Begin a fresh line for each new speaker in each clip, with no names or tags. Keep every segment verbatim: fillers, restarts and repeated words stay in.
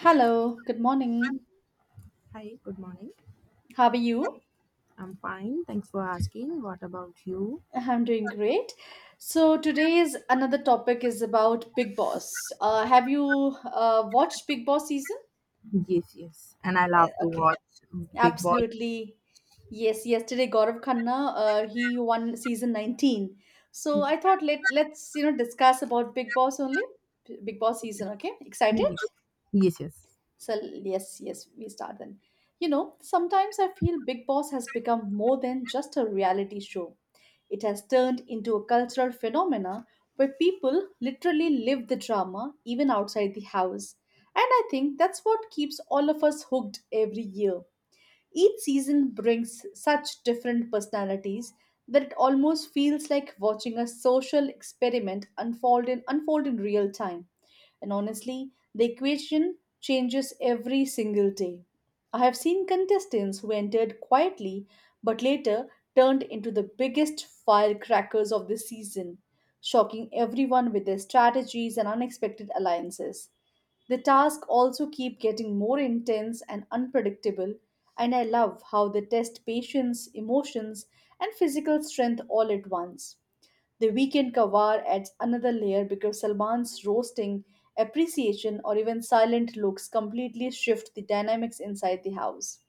Hello, good morning.
Hi, good morning.
How are you?
I'm fine. Thanks for asking. What about you?
I'm doing great. So today's another topic is about Big Boss. Uh, have you uh, watched Big Boss season?
Yes, yes. And I
Eh,
love to
Okay,
watch Big Boss.
absolutely. Yes, yesterday Gaurav Khanna, uh, he won season nineteen. So I thought let let's you know discuss about Big Boss only. Big Boss season, okay?
Yes,
Excited?
yes, yes.
So yes, yes, we start then. You know, sometimes I feel Big Boss has become more than just a reality show. It has turned into a cultural phenomena where people literally live the drama even outside the house. And I think that's what keeps all of us hooked every year. Each season brings such different personalities that it almost feels like watching a social experiment unfold in, unfold in real time. And honestly, the equation changes every single day. I have seen contestants who entered quietly but later turned into the biggest firecrackers of the season, shocking everyone with their strategies and unexpected alliances. The tasks also keep getting more intense and unpredictable, and I love how they test patience, emotions, and physical strength all at once. The weekend kawar adds another layer because Salman's roasting, appreciation, or even silent looks completely shift the dynamics inside the house.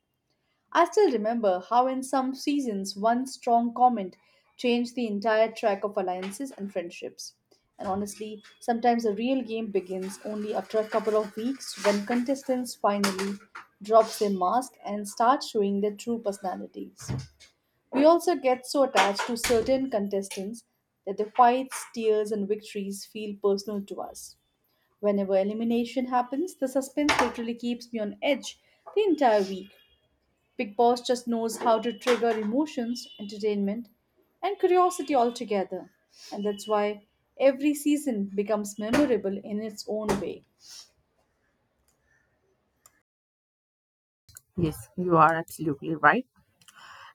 I still remember how, in some seasons, one strong comment changed the entire track of alliances and friendships. And honestly, sometimes a real game begins only after a couple of weeks when contestants finally drop their mask and start showing their true personalities. We also get so attached to certain contestants that their fights, tears, and victories feel personal to us. Whenever elimination happens, the suspense literally keeps me on edge the entire week. Big Boss just knows how to trigger emotions, entertainment, and curiosity all together. And that's why every season becomes memorable in its own way.
Yes, you are absolutely right.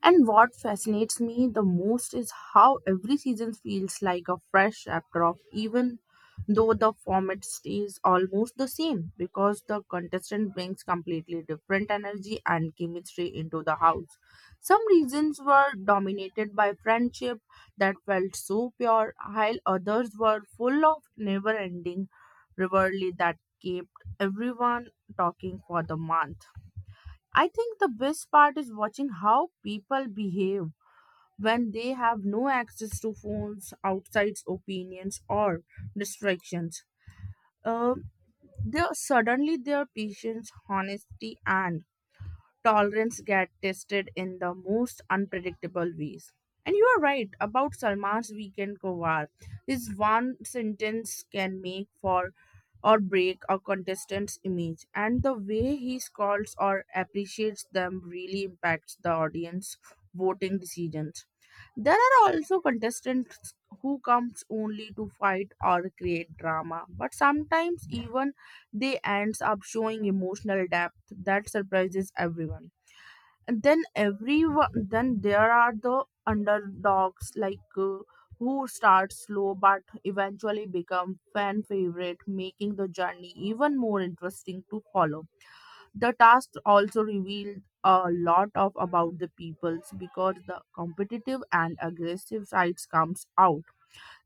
And what fascinates me the most is how every season feels like a fresh chapter of even though the format stays almost the same because the contestant brings completely different energy and chemistry into the house. Some reasons were dominated by friendship that felt so pure, while others were full of never ending rivalry that kept everyone talking for the month. I think the best part is watching how people behave when they have no access to phones, outside opinions, or distractions. Uh, there suddenly their patience, honesty, and tolerance get tested in the most unpredictable ways. And you are right about Salman's weekend kowar. His one sentence can make for or break a contestant's image, and the way he scolds or appreciates them really impacts the audience voting decisions. There are also contestants who comes only to fight or create drama, but sometimes even they ends up showing emotional depth that surprises everyone. And then everyone, then there are the underdogs like uh, who start slow but eventually become fan favorite, making the journey even more interesting to follow. The task also revealed a lot of about the peoples because the competitive and aggressive sides comes out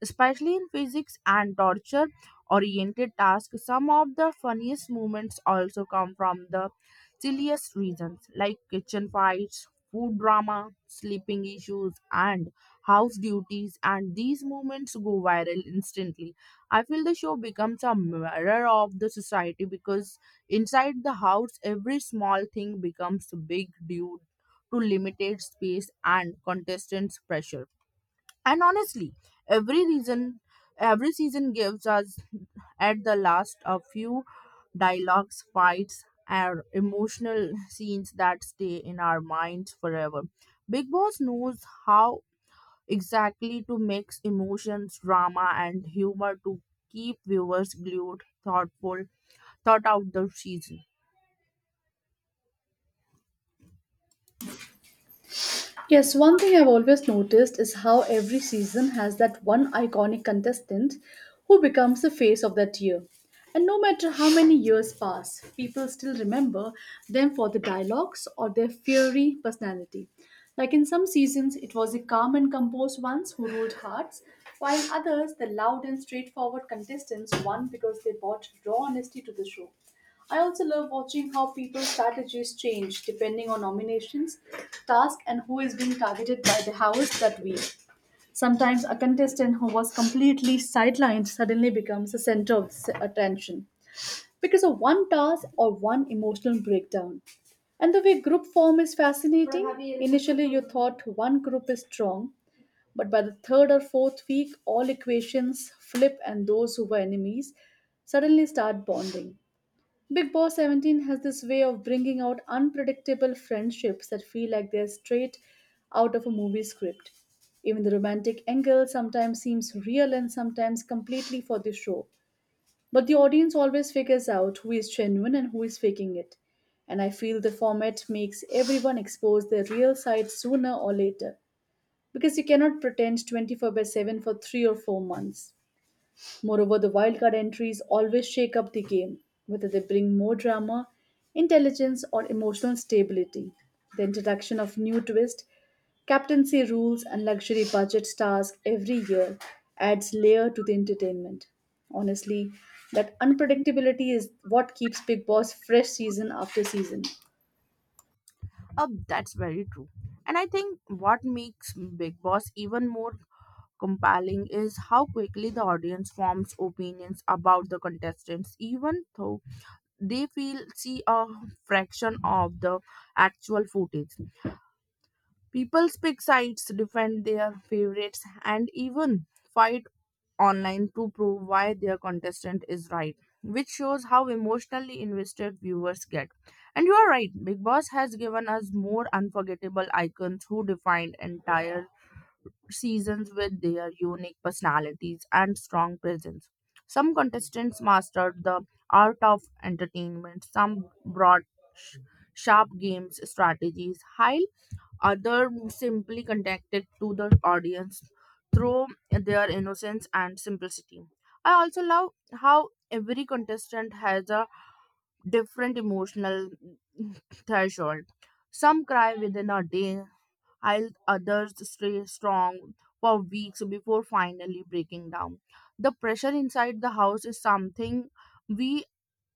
especially in physics and torture oriented tasks. Some of the funniest moments also come from the silliest reasons, like kitchen fights, food drama, sleeping issues, and house duties. And these moments go viral instantly. I feel the show becomes a mirror of the society because inside the house, every small thing becomes big due to limited space and contestants' pressure. And honestly, every reason every season gives us at the last a few dialogues, fights, and emotional scenes that stay in our minds forever. Big Boss knows how exactly to mix emotions, drama, and humor to keep viewers glued, thoughtful, thought out the season.
Yes, one thing I've always noticed is how every season has that one iconic contestant who becomes the face of that year. And no matter how many years pass, people still remember them for the dialogues or their fiery personality. Like in some seasons, it was the calm and composed ones who ruled hearts, while in others, the loud and straightforward contestants won because they brought raw honesty to the show. I also love watching how people's strategies change depending on nominations, task, and who is being targeted by the house that week. Sometimes a contestant who was completely sidelined suddenly becomes the center of s- attention because of one task or one emotional breakdown. And the way group form is fascinating. Initially, you thought one group is strong, but by the third or fourth week, all equations flip, and those who were enemies suddenly start bonding. Big Boss seventeen has this way of bringing out unpredictable friendships that feel like they're straight out of a movie script. Even the romantic angle sometimes seems real and sometimes completely for the show. But the audience always figures out who is genuine and who is faking it. And I feel the format makes everyone expose their real side sooner or later because you cannot pretend twenty-four by seven for three or four months. Moreover, the wildcard entries always shake up the game, whether they bring more drama, intelligence, or emotional stability. The introduction of new twists, captaincy rules, and luxury budget stars every year adds layer to the entertainment. Honestly, that unpredictability is what keeps Big Boss fresh season after season.
Uh, that's very true. And I think what makes Big Boss even more compelling is how quickly the audience forms opinions about the contestants, even though they feel see a fraction of the actual footage. People pick sides, defend their favorites, and even fight online to prove why their contestant is right, which shows how emotionally invested viewers get. And you are right, Big Boss has given us more unforgettable icons who defined entire seasons with their unique personalities and strong presence. Some contestants mastered the art of entertainment, some brought sh- sharp games strategies, other simply connected to the audience through their innocence and simplicity. I also love how every contestant has a different emotional threshold. Some cry within a day, while others stay strong for weeks before finally breaking down. The pressure inside the house is something we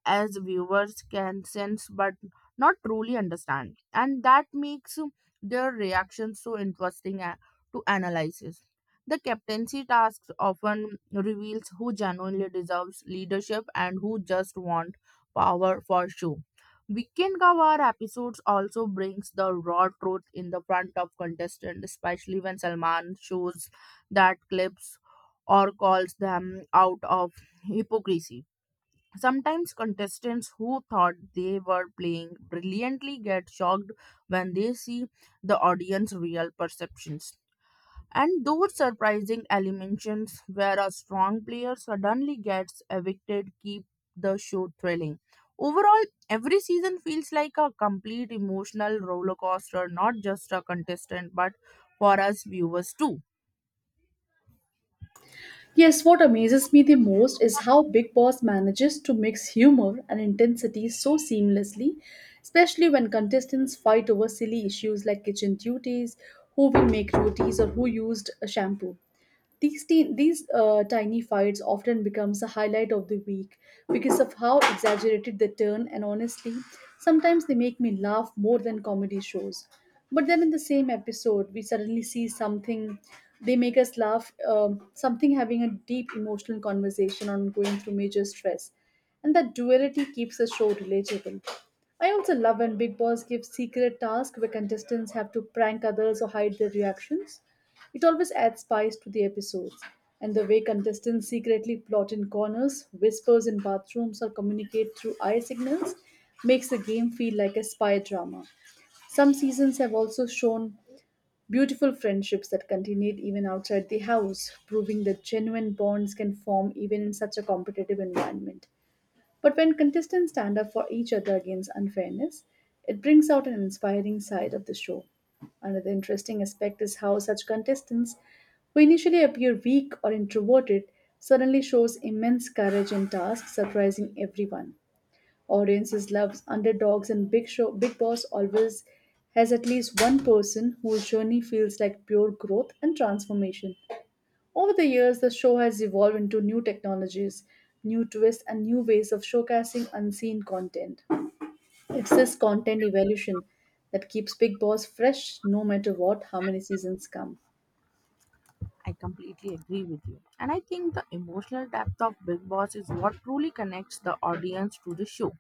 as viewers can sense but not truly understand, and that makes their reactions so interesting a- to analyze. The captaincy task often reveals who genuinely deserves leadership and who just want power for show. Weekend cover episodes also brings the raw truth in the front of contestant, especially when Salman shows that clips or calls them out of hypocrisy. Sometimes contestants who thought they were playing brilliantly get shocked when they see the audience's real perceptions. And those surprising eliminations where a strong player suddenly gets evicted keep the show thrilling. Overall, every season feels like a complete emotional roller coaster, not just a contestant, but for us viewers too.
Yes, what amazes me the most is how Big Boss manages to mix humor and intensity so seamlessly, especially when contestants fight over silly issues like kitchen duties, who will make rotis, or who used a shampoo. These, teen these uh, tiny fights often becomes the highlight of the week because of how exaggerated they turn, and honestly sometimes they make me laugh more than comedy shows. But then in the same episode we suddenly see something they make us laugh, um, something having a deep emotional conversation on going through major stress, and that duality keeps the show relatable. I also love when Big Boss gives secret tasks where contestants have to prank others or hide their reactions. It always adds spice to the episodes, and the way contestants secretly plot in corners, whispers in bathrooms, or communicate through eye signals makes the game feel like a spy drama. Some seasons have also shown beautiful friendships that continued even outside the house, proving that genuine bonds can form even in such a competitive environment. But when contestants stand up for each other against unfairness, it brings out an inspiring side of the show. Another interesting aspect is how such contestants who initially appear weak or introverted suddenly shows immense courage in tasks, surprising everyone. Audiences love underdogs, and Big Show Big Boss always has at least one person whose journey feels like pure growth and transformation. Over the years, the show has evolved into new technologies, new twists, and new ways of showcasing unseen content. It's this content evolution that keeps Big Boss fresh no matter what, how many seasons come.
I completely agree with you. And I think the emotional depth of Big Boss is what truly connects the audience to the show.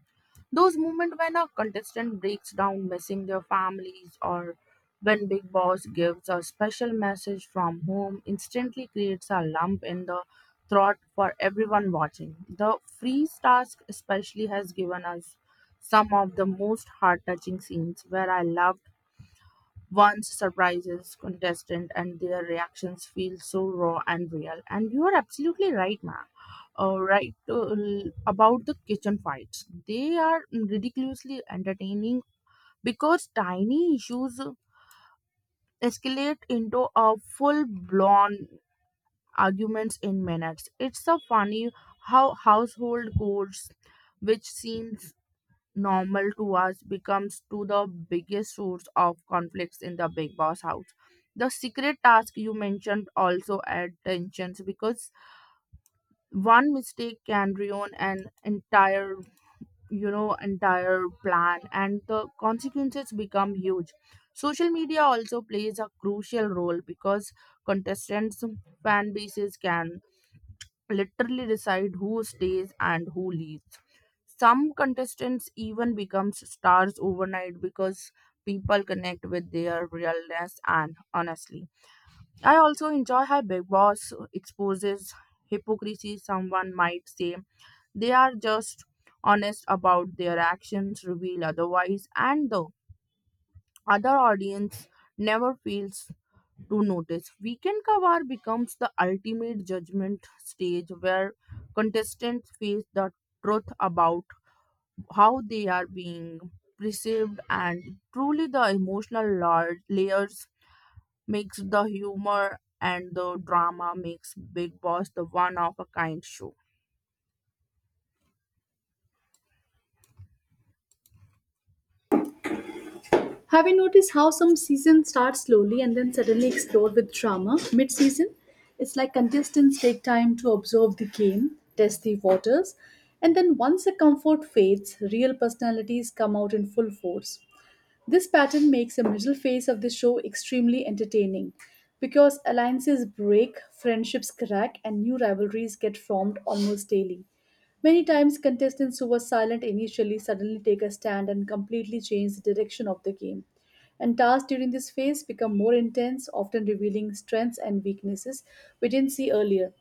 Those moments when a contestant breaks down missing their families, or when Big Boss gives a special message from home, instantly creates a lump in the throat for everyone watching. The freeze task especially has given us some of the most heart touching scenes where I loved once surprises contestant, and their reactions feel so raw and real. And you are absolutely right, ma uh, right uh, about the kitchen fights, they are ridiculously entertaining because tiny issues escalate into a full blown arguments in minutes. It's so funny how household chores which seems normal to us becomes to the biggest source of conflicts in the Big Boss house. The secret task you mentioned also add tensions because one mistake can ruin an entire you know entire plan, and the consequences become huge. Social media also plays a crucial role because contestants fan bases can literally decide who stays and who leaves. Some contestants even becomes stars overnight because people connect with their realness and honestly. I also enjoy how Big Boss exposes hypocrisy. Someone might say they are just honest about their actions, reveal otherwise, and the other audience never feels to notice. Weekend Kawar becomes the ultimate judgment stage where contestants face the truth about how they are being perceived. And truly the emotional lar- layers makes the humor and the drama makes Big Boss the one of a kind show.
Have you noticed how some seasons start slowly and then suddenly explode with drama mid season? It's like contestants take time to observe the game, test the waters, and then once the comfort fades, real personalities come out in full force. This pattern makes the middle phase of the show extremely entertaining because alliances break, friendships crack, and new rivalries get formed almost daily. Many times, contestants who were silent initially suddenly take a stand and completely change the direction of the game. And tasks during this phase become more intense, often revealing strengths and weaknesses we didn't see earlier.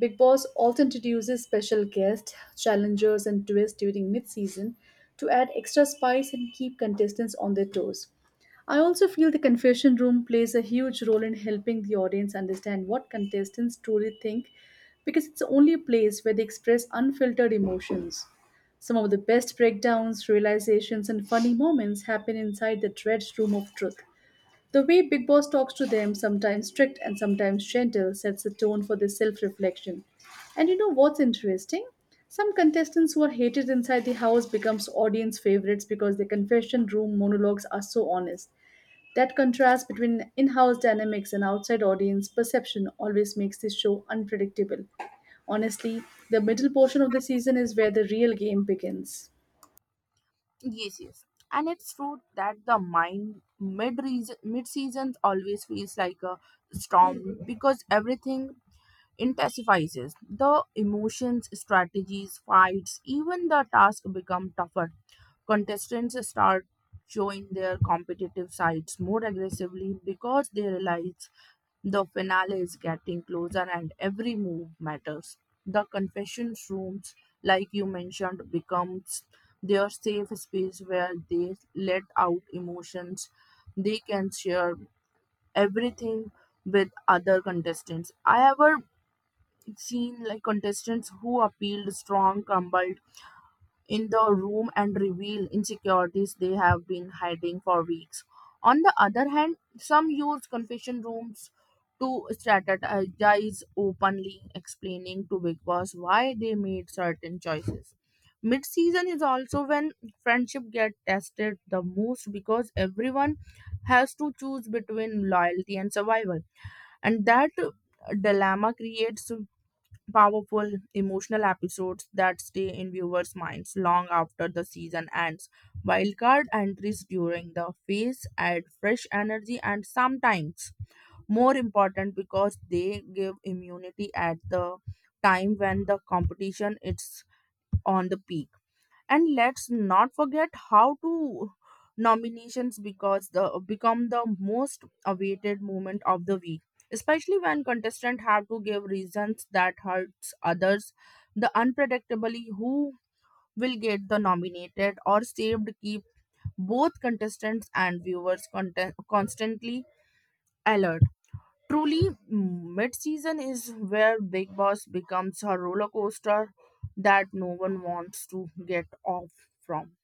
Big Boss also introduces special guests, challengers, and twists during mid season to add extra spice and keep contestants on their toes. I also feel the confession room plays a huge role in helping the audience understand what contestants truly think because it's the only place where they express unfiltered emotions. Some of the best breakdowns, realizations, and funny moments happen inside the dreaded room of truth. The way Big Boss talks to them, sometimes strict and sometimes gentle, sets the tone for their self reflection. And you know what's interesting? Some contestants who are hated inside the house becomes audience favorites because their confession room monologues are so honest. That contrast between in-house dynamics and outside audience perception always makes this show unpredictable. Honestly, the middle portion of the season is where the real game begins.
Yes, yes. And it's true that the mind mid mid seasons always feels like a storm because everything intensifies the emotions, strategies, fights, even the tasks become tougher. Contestants start showing their competitive sides more aggressively because they realize the finale is getting closer and every move matters. The confession rooms, like you mentioned, becomes their safe space where they let out emotions. They can share everything with other contestants. I ever seen like contestants who appealed strong crumbled in the room and revealed insecurities they have been hiding for weeks. On the other hand, some use confession rooms to strategize openly, explaining to Big Boss why they made certain choices. Mid season is also when friendship get tested the most because everyone has to choose between loyalty and survival, and that dilemma creates powerful emotional episodes that stay in viewers' minds long after the season ends. Wildcard entries during the phase add fresh energy and sometimes more important because they give immunity at the time when the competition is on the peak. And let's not forget how to nominations because the become the most awaited moment of the week, especially when contestants have to give reasons that hurts others. The unpredictably who will get the nominated or saved keep both contestants and viewers content- constantly alert. Truly mid-season is where Big Boss becomes a roller coaster that no one wants to get off from.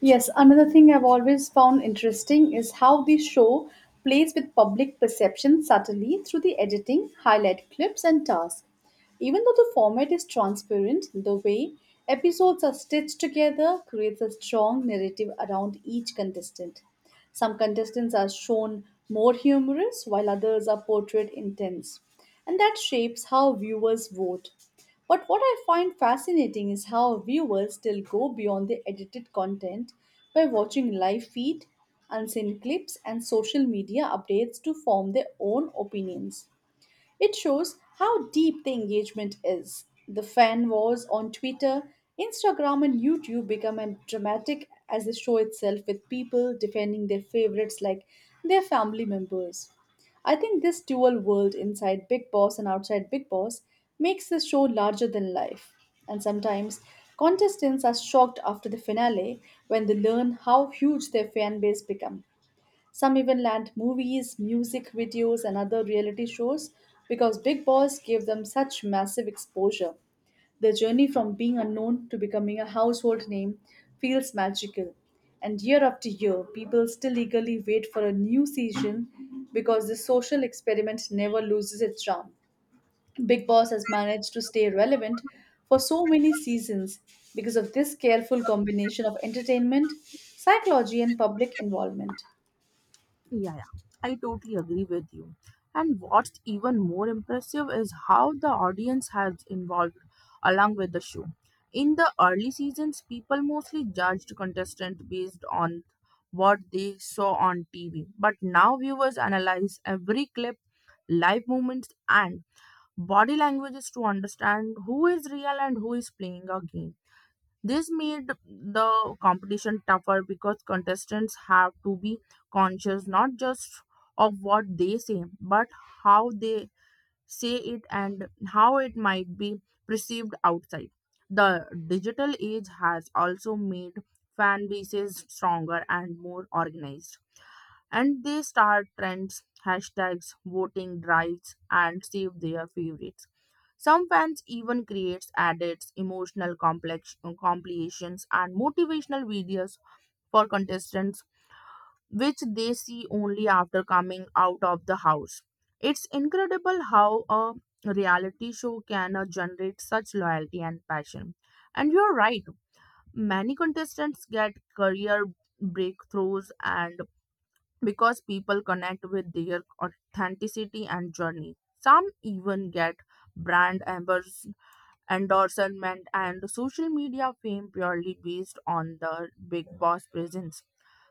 Yes, another thing I've always found interesting is how the show plays with public perception subtly through the editing, highlight clips, and tasks. Even though the format is transparent, the way episodes are stitched together creates a strong narrative around each contestant. Some contestants are shown more humorous, while others are portrayed intense, and that shapes how viewers vote. But what I find fascinating is how viewers still go beyond the edited content by watching live feed, unseen clips, and social media updates to form their own opinions. It shows how deep the engagement is. The fan wars on Twitter, Instagram, and YouTube become as dramatic as the show itself, with people defending their favorites like their family members. I think this dual world inside Big Boss and outside Big Boss makes the show larger than life. And sometimes contestants are shocked after the finale when they learn how huge their fan base become. Some even land movies, music videos, and other reality shows because Big Boss gave them such massive exposure. The journey from being unknown to becoming a household name feels magical. And year after year, people still eagerly wait for a new season because the social experiment never loses its charm. Big Boss has managed to stay relevant for so many seasons because of this careful combination of entertainment, psychology, and public involvement.
Yeah, yeah, I totally agree with you. And what's even more impressive is how the audience has involved along with the show. In the early seasons, people mostly judged contestants based on what they saw on T V. But now viewers analyze every clip, live moments, and body languages to understand who is real and who is playing a game. This made the competition tougher because contestants have to be conscious not just of what they say, but how they say it and how it might be perceived outside. The digital age has also made fan bases stronger and more organized. And they start trends, hashtags, voting drives, and save their favorites. Some fans even creates edits, emotional complex uh, compilations, and motivational videos for contestants, which they see only after coming out of the house. It's incredible how a reality show can uh, generate such loyalty and passion. And you're right, many contestants get career breakthroughs and because people connect with their authenticity and journey. Some even get brand ambas- endorsement and social media fame purely based on the Big Boss presence.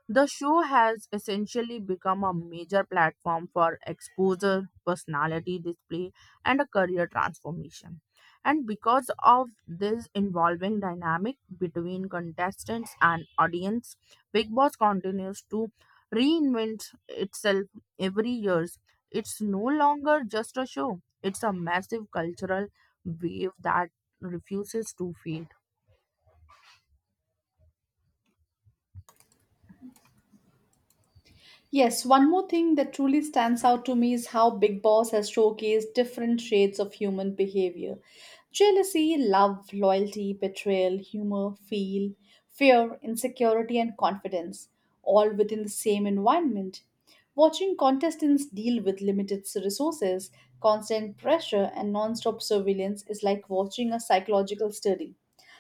The show has essentially become a major platform for exposure, personality display, and a career transformation. And because of this involving dynamic between contestants and audience, Big Boss continues to reinvent itself every year. It's no longer just a show, it's a massive cultural wave that refuses to fade.
Yes, one more thing that truly stands out to me is how Big Boss has showcased different shades of human behavior: jealousy, love, loyalty, betrayal, humor, feel, fear, insecurity, and confidence, all within the same environment. Watching contestants deal with limited resources, constant pressure, and non stop surveillance is like watching a psychological study.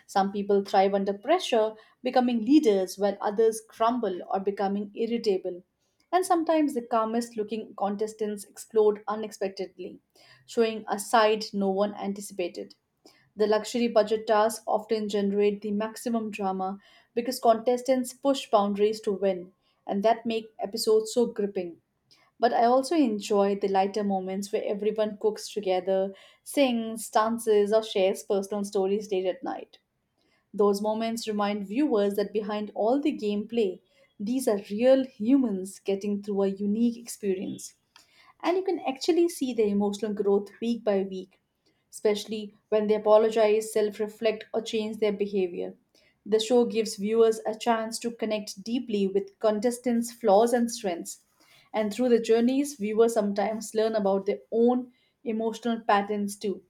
Some people thrive under pressure, becoming leaders, while others crumble or becoming irritable. And sometimes the calmest looking contestants explode unexpectedly, showing a side no one anticipated. The luxury budget tasks often generate the maximum drama because contestants push boundaries to win, and that make episodes so gripping. But I also enjoy the lighter moments where everyone cooks together, sings, dances, or shares personal stories late at night. Those moments remind viewers that behind all the gameplay, these are real humans getting through a unique experience. And you can actually see their emotional growth week by week, especially when they apologize, self reflect, or change their behavior. The show gives viewers a chance to connect deeply with contestants' flaws and strengths. And through the journeys, viewers sometimes learn about their own emotional patterns too.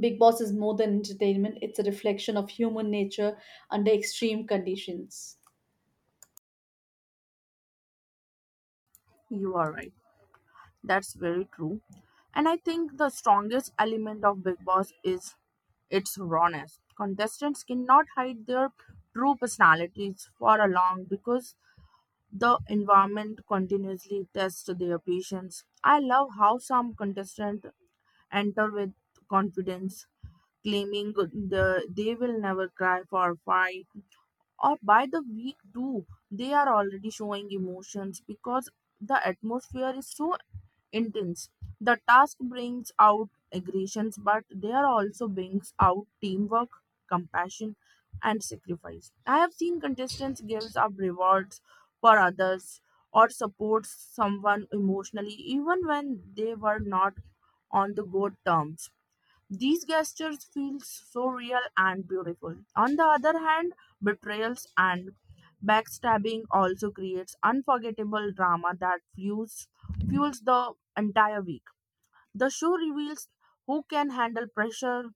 Big Boss is more than entertainment, it's a reflection of human nature under extreme conditions.
You are right. That's very true. And I think the strongest element of Big Boss is its rawness. Contestants cannot hide their true personalities for a long because the environment continuously tests their patience. I love how some contestants enter with confidence, claiming the, they will never cry for fight, or by the week two they are already showing emotions because the atmosphere is so intense. The task brings out aggressions, but there also brings out teamwork, compassion, and sacrifice. I have seen contestants gives up rewards for others or supports someone emotionally even when they were not on the good terms. These gestures feel so real and beautiful. On the other hand, betrayals and backstabbing also creates unforgettable drama that fuels fuels the entire week. The show reveals who can handle pressure,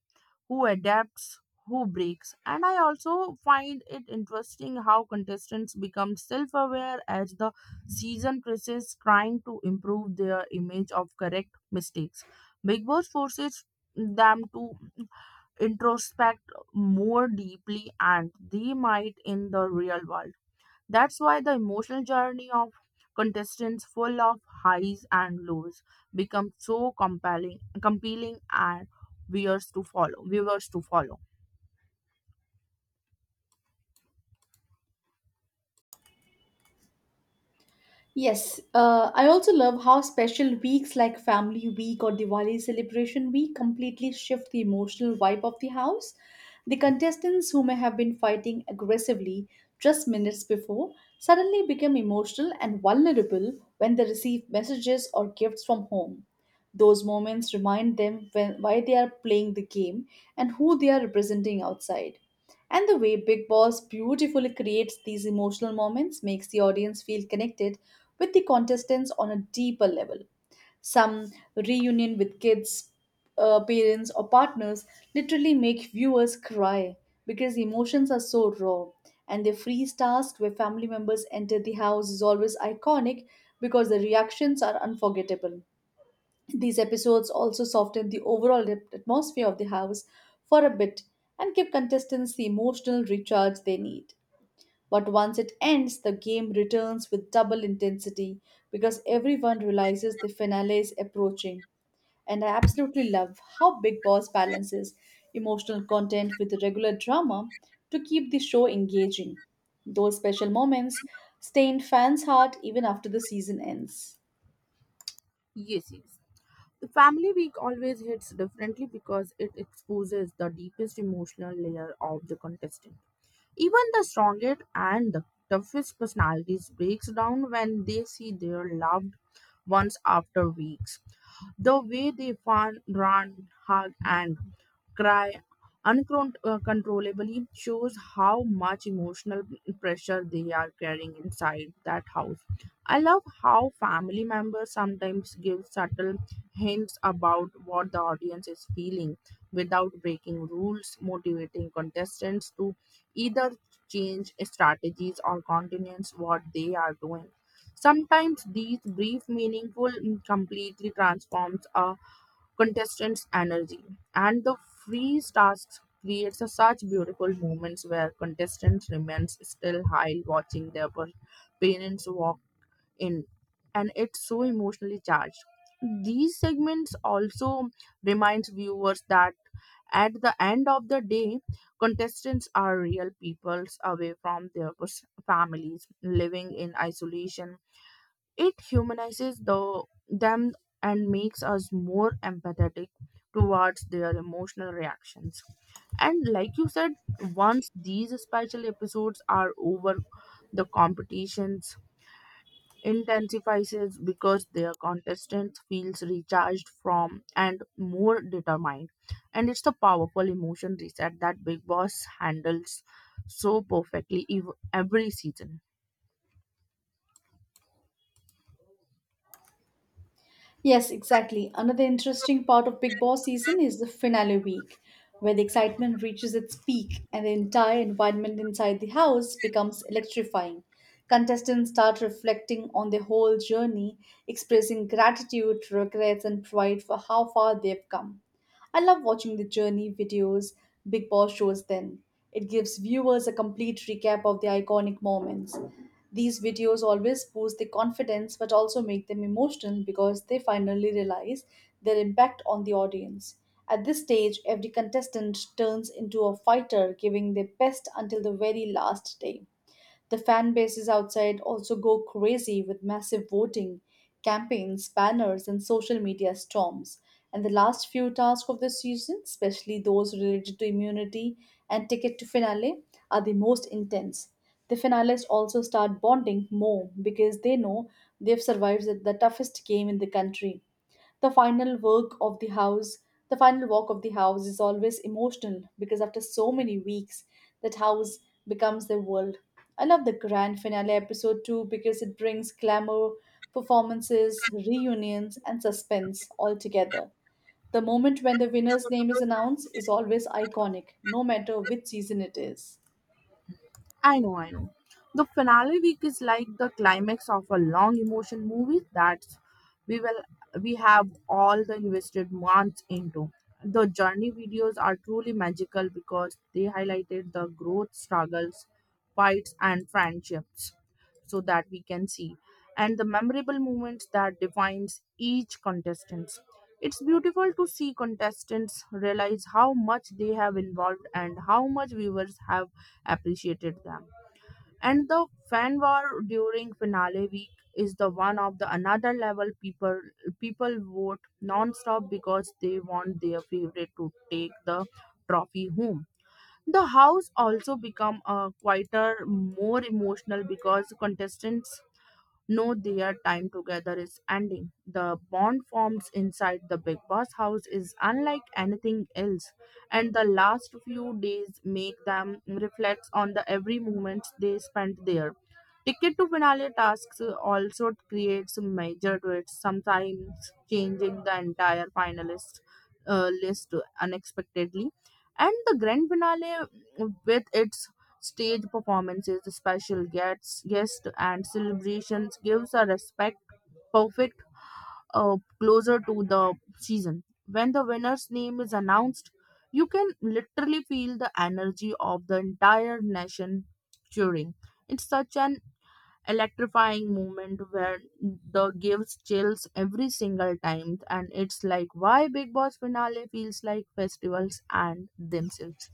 who adapts, who breaks. And I also find it interesting how contestants become self aware as the season progresses, trying to improve their image of correct mistakes. Big Boss forces them to introspect more deeply and they might in the real world. That's why the emotional journey of contestants full of highs and lows becomes so compelling compelling and viewers to follow viewers to follow.
Yes, uh, I also love how special weeks like Family Week or Diwali Celebration Week completely shift the emotional vibe of the house. The contestants who may have been fighting aggressively just minutes before suddenly become emotional and vulnerable when they receive messages or gifts from home. Those moments remind them when, why they are playing the game and who they are representing outside. And the way Big Boss beautifully creates these emotional moments makes the audience feel connected with the contestants on a deeper level. Some reunion with kids, uh, parents, or partners literally make viewers cry because emotions are so raw. And the freeze task where family members enter the house is always iconic because the reactions are unforgettable. These episodes also soften the overall at- atmosphere of the house for a bit and give contestants the emotional recharge they need. But once it ends, the game returns with double intensity because everyone realizes the finale is approaching. And I absolutely love how Big Boss balances emotional content with regular drama to keep the show engaging. Those special moments stay in fans' heart even after the season ends.
Yes, yes. The family week always hits differently because it exposes the deepest emotional layer of the contestant. Even the strongest and the toughest personalities breaks down when they see their loved ones after weeks. The way they fawn, run, hug, and cry uncontrollably shows how much emotional pressure they are carrying inside that house. I love how family members sometimes give subtle hints about what the audience is feeling without breaking rules, motivating contestants to either change strategies or continue what they are doing. Sometimes these brief, meaningful and completely transforms a contestant's energy, and the freeze tasks creates a such beautiful moments where contestants remains still while watching their per- parents walk in, and it's so emotionally charged. These segments also reminds viewers that at the end of the day, contestants are real peoples away from their pers- families, living in isolation. It humanizes the, them and makes us more empathetic towards their emotional reactions. And like you said, once these special episodes are over, the competitions intensifies because their contestants feels recharged from and more determined. And it's the powerful emotion reset that Big Boss handles so perfectly ev- every season.
Yes, exactly. Another interesting part of Big Boss season is the finale week, where the excitement reaches its peak and the entire environment inside the house becomes electrifying. Contestants start reflecting on their whole journey, expressing gratitude, regrets, and pride for how far they've come. I love watching the journey videos Big Boss shows then. It gives viewers a complete recap of the iconic moments. These videos always boost the confidence but also make them emotional because they finally realize their impact on the audience. At this stage, every contestant turns into a fighter, giving their best until the very last day. The fan bases outside also go crazy with massive voting, campaigns, banners, and social media storms. And the last few tasks of the season, especially those related to immunity and ticket to finale, are the most intense. The finalists also start bonding more because they know they've survived the the toughest game in the country. the final work of the house the final walk of the house is always emotional because after so many weeks that house becomes their world. I love the grand finale episode too because it brings glamour, performances, reunions, and suspense all together. The moment when the winner's name is announced is always iconic, no matter which season it is.
I know, I know. The finale week is like the climax of a long emotion movie that we will we have all the invested months into. The journey videos are truly magical because they highlighted the growth struggles, fights and friendships so that we can see and the memorable moments that defines each contestants. It's beautiful to see contestants realize how much they have involved and how much viewers have appreciated them. And the fan war during finale week is the one of the another level. People people vote non-stop because they want their favorite to take the trophy home. The house also become uh, quieter, more emotional because contestants know their time together is ending. The bond formed inside the Big Boss house is unlike anything else, and the last few days make them reflect on the every moment they spent there. Ticket to finale tasks also creates major twists, sometimes changing the entire finalist uh, list unexpectedly. And the grand finale, with its stage performances, special guests, guests and celebrations gives a respect perfect uh, closer to the season. When the winner's name is announced, you can literally feel the energy of the entire nation cheering. It's such an electrifying moment where the gives chills every single time, and it's like why Big Boss finale feels like festivals and themselves.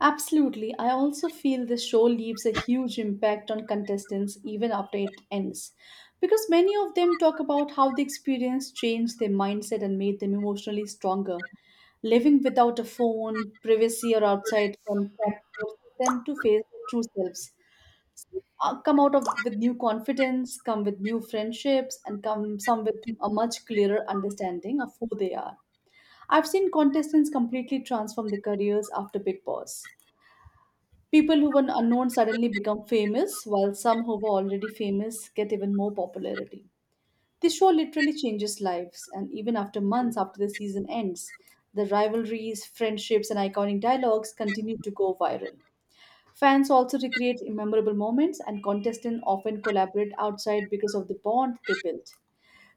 Absolutely. I also feel this show leaves a huge impact on contestants even after it ends. Because many of them talk about how the experience changed their mindset and made them emotionally stronger. Living without a phone, privacy, or outside contact forces them to face their true selves. Some uh, come out of with new confidence, come with new friendships, and come some with a much clearer understanding of who they are. I've seen contestants completely transform their careers after Big Boss. People who were unknown suddenly become famous, while some who were already famous get even more popularity. The show literally changes lives, and even after months after the season ends, the rivalries, friendships, and iconic dialogues continue to go viral. Fans also recreate memorable moments, and contestants often collaborate outside because of the bond they built.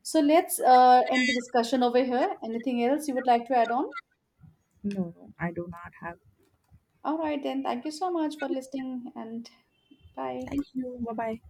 So let's uh, end the discussion over here. Anything else you would like to add on?
No, no, I do not have.
All right, then. Thank you so much for listening, and bye.
Thank you. Bye bye.